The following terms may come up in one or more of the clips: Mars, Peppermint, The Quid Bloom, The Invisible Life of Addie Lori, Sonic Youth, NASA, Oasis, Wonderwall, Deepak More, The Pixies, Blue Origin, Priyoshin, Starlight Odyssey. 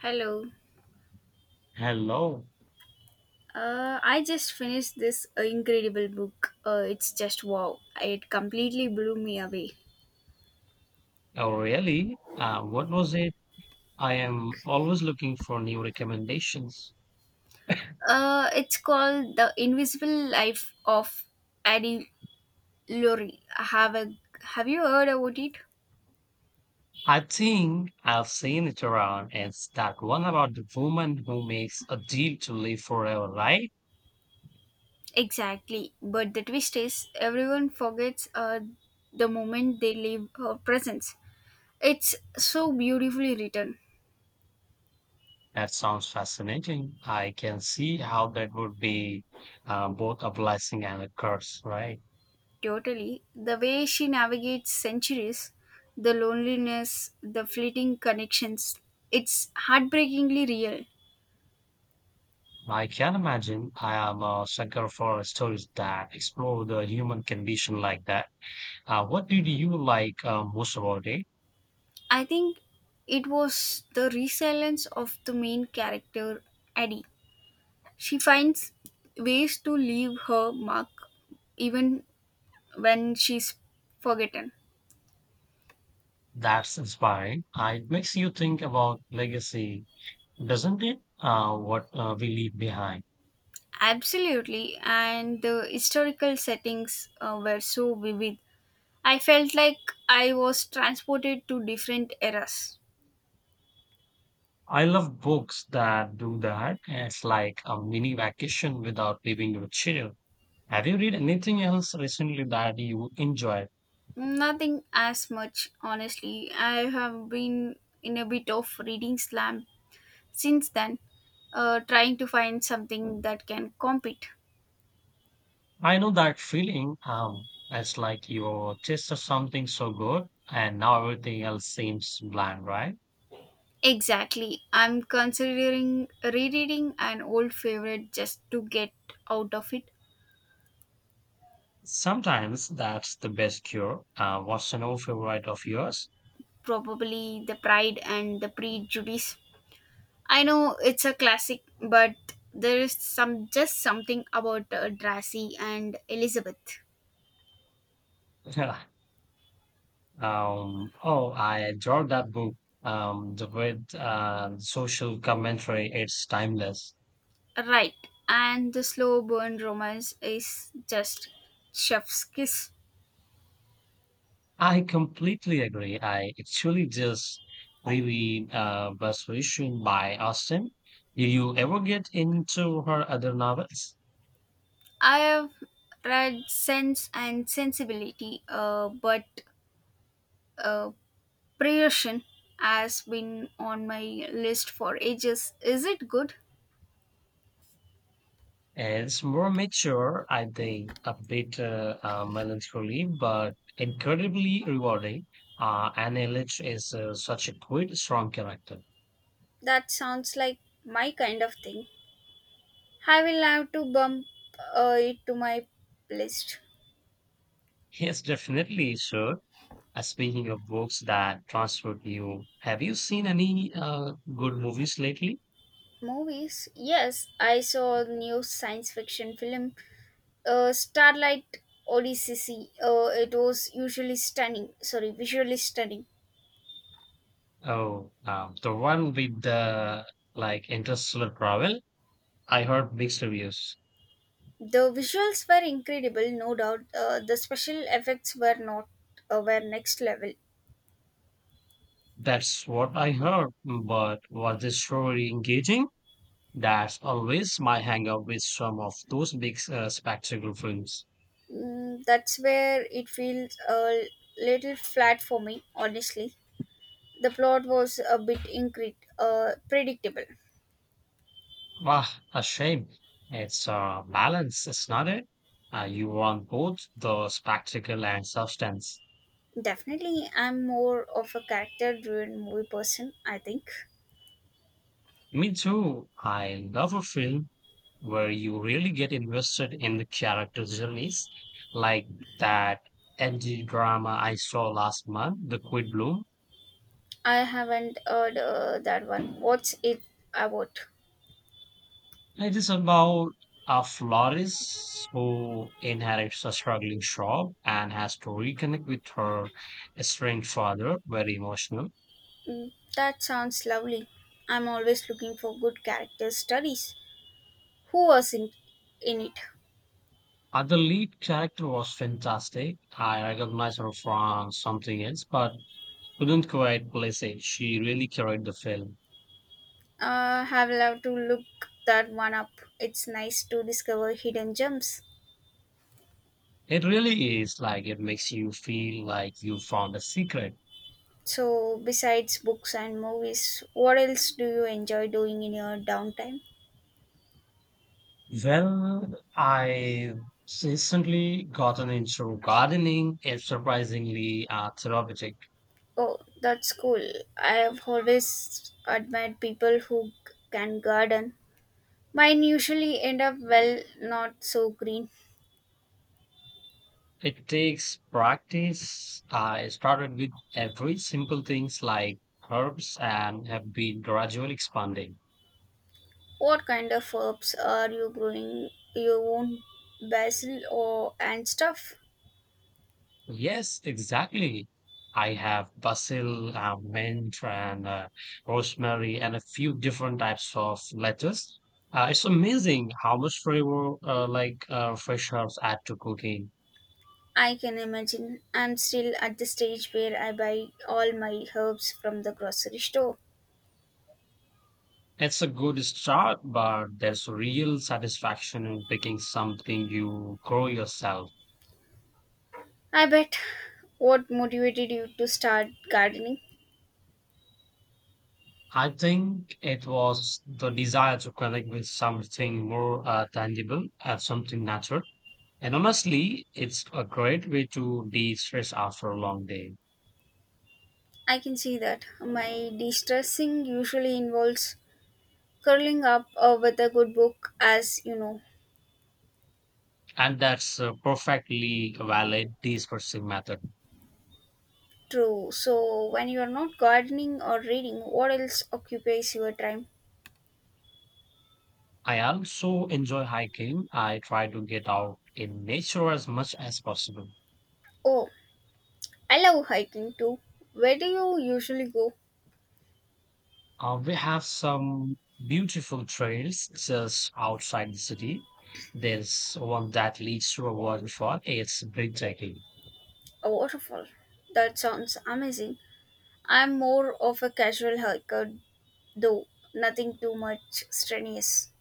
Hello. Hello. I just finished this incredible book. It's just wow. It completely blew me away. Oh, really? What was it? I am always looking for new recommendations. It's called The Invisible Life of Addie Lori. Have you heard about it? I think I've seen it around. It's that one about the woman who makes a deal to live forever, right? Exactly. But the twist is, everyone forgets the moment they leave her presence. It's so beautifully written. That sounds fascinating. I can see how that would be both a blessing and a curse, right? Totally. The way she navigates centuries, the loneliness, the fleeting connections, it's heartbreakingly real. I can imagine. I am a sucker for stories that explore the human condition like that. What did you like most about it? I think it was the resilience of the main character, Addie. She finds ways to leave her mark even when she's forgotten. That's inspiring. It makes you think about legacy, doesn't it? What we leave behind. Absolutely, and the historical settings were so vivid. I felt like I was transported to different eras. I love books that do that. It's like a mini vacation without leaving your chair. Have you read anything else recently that you enjoyed? Nothing as much, honestly. I have been in a bit of reading slump since then, trying to find something that can compete. I know that feeling. It's like you tasted something so good, and now everything else seems bland, right? Exactly. I'm considering rereading an old favorite just to get out of it. Sometimes that's the best cure. What's an old favorite of yours? Probably The Pride and the Prejudice. I know it's a classic, but there is some just something about Darcy and Elizabeth. Oh, I adored that book. The with social commentary, it's timeless. Right. And the slow burn romance is just chef's kiss. I completely agree. I actually just really was wishing by Austen. Did you ever get into her other novels? I have read Sense and Sensibility, but uh, Priyoshin has been on my list for ages. Is it good? It's more mature, I think, a bit melancholy, but incredibly rewarding. Anne Ellis is such a good, strong character. That sounds like my kind of thing. I will have to bump it to my list. Yes, definitely, sure. Speaking of books that transport you, have you seen any good movies lately? Movies? Yes, I saw a new science fiction film, Starlight Odyssey. It was usually stunning. Sorry, visually stunning. Oh, the one with the like interstellar travel. I heard mixed reviews. The visuals were incredible, no doubt. The special effects were not were next level. That's what I heard, but was the story engaging? That's always my hang-up with some of those big spectacle films. Mm, that's where it feels a little flat for me, honestly. The plot was a bit predictable. Wow, a shame. It's a balance, it's not it? You want both the spectacle and substance. Definitely, I'm more of a character-driven movie person, I think. Me too. I love a film where you really get invested in the character's journeys, like that edgy drama I saw last month, The Quid Bloom. I haven't heard that one. What's it about? It is about a florist who inherits a struggling shop and has to reconnect with her estranged father, very emotional. Mm, that sounds lovely. I'm always looking for good character studies. Who was in it? The lead character was fantastic. I recognized her from something else, but couldn't quite place it. She really carried the film. Have love to look that one up. It's nice to discover hidden gems. It really is like it makes you feel like you found a secret. So, besides books and movies, what else do you enjoy doing in your downtime? Well, I've recently gotten into gardening. It's surprisingly therapeutic. Oh, that's cool. I have always admired people who can garden. Mine usually end up well, not so green. It takes practice. I started with every simple things like herbs and have been gradually expanding. What kind of herbs are you growing? Your own basil or and stuff? Yes, exactly. I have basil, mint, and rosemary, and a few different types of lettuce. It's amazing how much flavor fresh herbs add to cooking. I can imagine. I'm still at the stage where I buy all my herbs from the grocery store. It's a good start, but there's real satisfaction in picking something you grow yourself. I bet. What motivated you to start gardening? I think it was the desire to connect with something more tangible and something natural. And honestly, it's a great way to de-stress after a long day. I can see that. My de-stressing usually involves curling up with a good book, as you know. And that's a perfectly valid de-stressing method. True. So when you are not gardening or reading, what else occupies your time? I also enjoy hiking. I try to get out in nature as much as possible. Oh, I love hiking too. Where do you usually go? We have some beautiful trails just outside the city. There's one that leads to a waterfall. It's breathtaking. A waterfall. That sounds amazing. I'm more of a casual hiker though, nothing too much strenuous.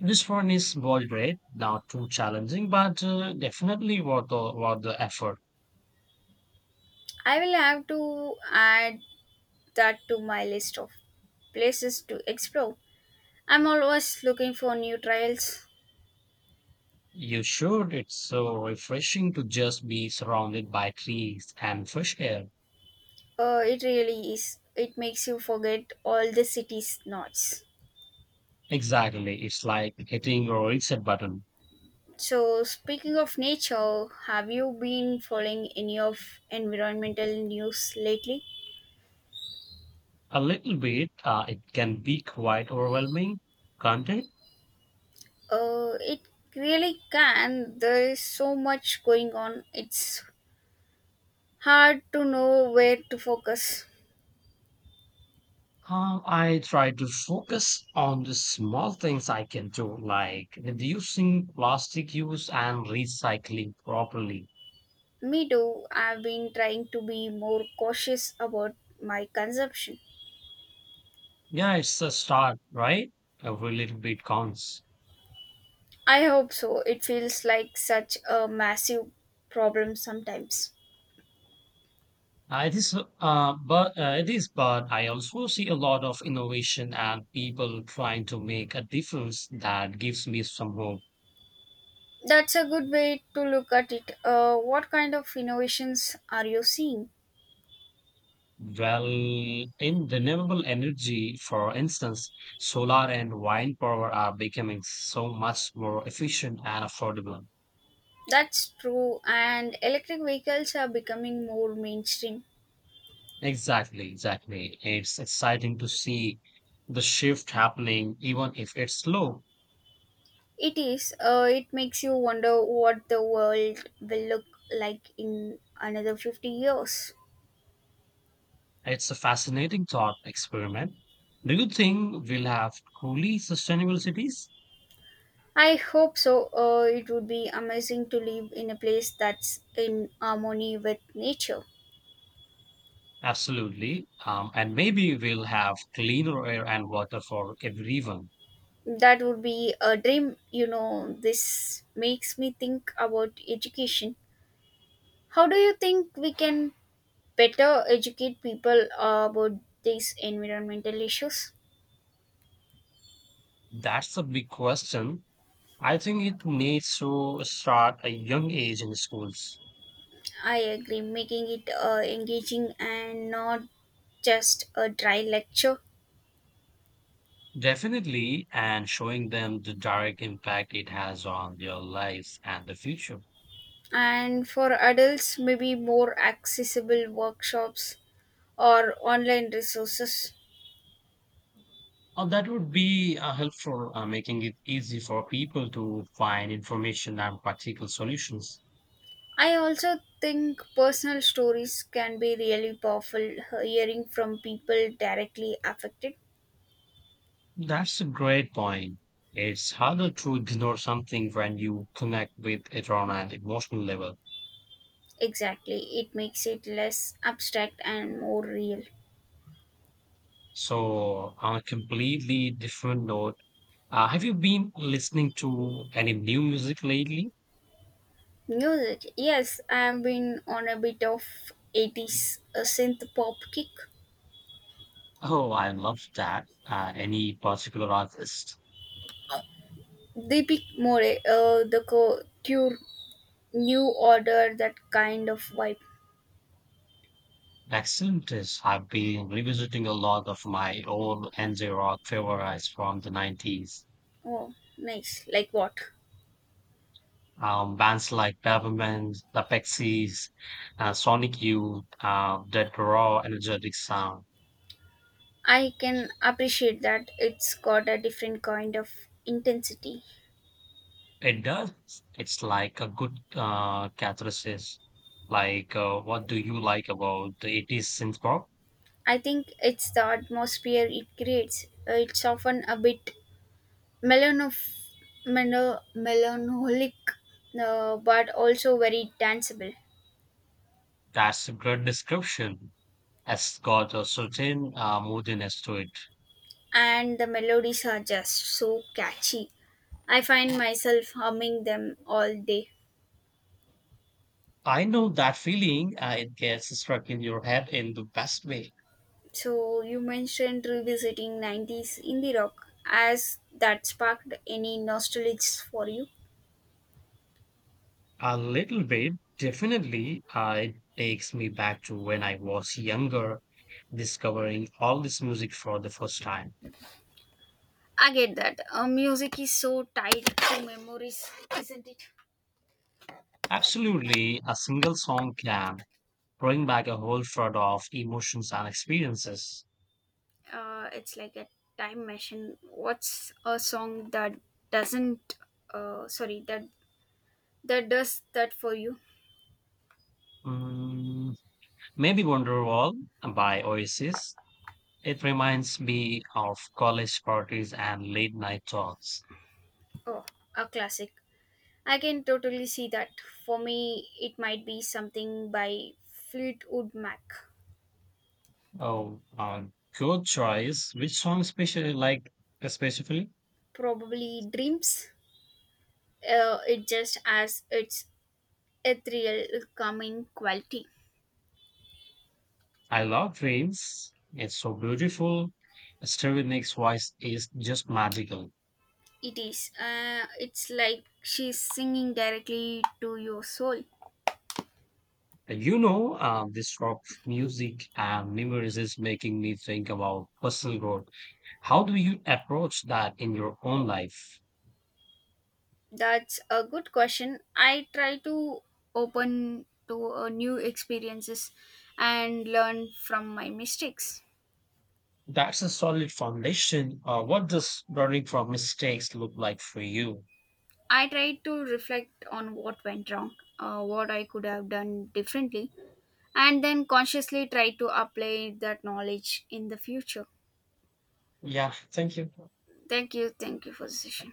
This one is moderate, not too challenging, but definitely worth worth the effort. I will have to add that to my list of places to explore. I'm always looking for new trails. You should. It's so refreshing to just be surrounded by trees and fresh air. It really is. It makes you forget all the city's noise. Exactly. It's like hitting a reset button. So, speaking of nature, have you been following any of environmental news lately? A little bit, it can be quite overwhelming, can't it? It really can. There is so much going on. It's hard to know where to focus. I try to focus on the small things I can do, like reducing plastic use and recycling properly. Me too. I've been trying to be more cautious about my consumption. Yeah, it's a start, right? Every little bit counts. I hope so. It feels like such a massive problem sometimes. It is, but I also see a lot of innovation and people trying to make a difference that gives me some hope. That's a good way to look at it. What kind of innovations are you seeing? Well, in renewable energy, for instance, solar and wind power are becoming so much more efficient and affordable. That's true, and electric vehicles are becoming more mainstream. Exactly. It's exciting to see the shift happening, even if it's slow. It is. It makes you wonder what the world will look like in another 50 years. It's a fascinating thought experiment. Do you think we'll have truly sustainable cities? I hope so. It would be amazing to live in a place that's in harmony with nature. Absolutely. And maybe we'll have cleaner air and water for everyone. That would be a dream, you know. This makes me think about education. How do you think we can better educate people about these environmental issues? That's a big question. I think it needs to start a young age in schools. I agree, making it engaging and not just a dry lecture. Definitely, and showing them the direct impact it has on their lives and the future. And for adults, maybe more accessible workshops or online resources. That would be helpful, making it easy for people to find information and practical solutions. I also think personal stories can be really powerful, hearing from people directly affected. That's a great point. It's harder to ignore something when you connect with it on an emotional level. Exactly, it makes it less abstract and more real. So, on a completely different note, have you been listening to any new music lately? Music, yes, I've been on a bit of 80s synth pop kick. Oh, I love that. Any particular artist? Deepak More, cure, new order, that kind of vibe. Excellent. Is I've been revisiting a lot of my old NJ rock favorites from the 90s. Oh, nice. Like what? Bands like Peppermint, The Pixies, Sonic Youth, that raw, energetic sound. I can appreciate that, it's got a different kind of intensity. It does. It's like a good catharsis. Like, what do you like about the 80s synth pop? I think it's the atmosphere it creates. It's often a bit melanof- melancholic, but also very danceable. That's a great description. Has got a certain moodiness to it. And the melodies are just so catchy. I find myself humming them all day. I know that feeling. It gets stuck in your head in the best way. So you mentioned revisiting 90s indie rock. Has that sparked any nostalgics for you? A little bit, definitely. It takes me back to when I was younger, discovering all this music for the first time. I get that. Music is so tied to memories, isn't it? Absolutely, a single song can bring back a whole flood of emotions and experiences. It's like a time machine. What's a song that doesn't, sorry, that that does that for you? Mm, maybe Wonderwall by Oasis. It reminds me of college parties and late night talks. Oh, a classic. I can totally see that. For me, it might be something by Fleetwood Mac. Oh, good choice. Which song especially specifically? Probably Dreams. It just, as it's ethereal coming quality. I love trains. It's so beautiful. Stereo voice is just magical. It is, it's like she's singing directly to your soul. And you know, this rock music and memories is making me think about personal growth. How do you approach that in your own life? That's a good question. I try to open to new experiences and learn from my mistakes. That's a solid foundation. What does learning from mistakes look like for you? I try to reflect on what went wrong, what I could have done differently, and then consciously try to apply that knowledge in the future. Yeah, thank you. Thank you for the session.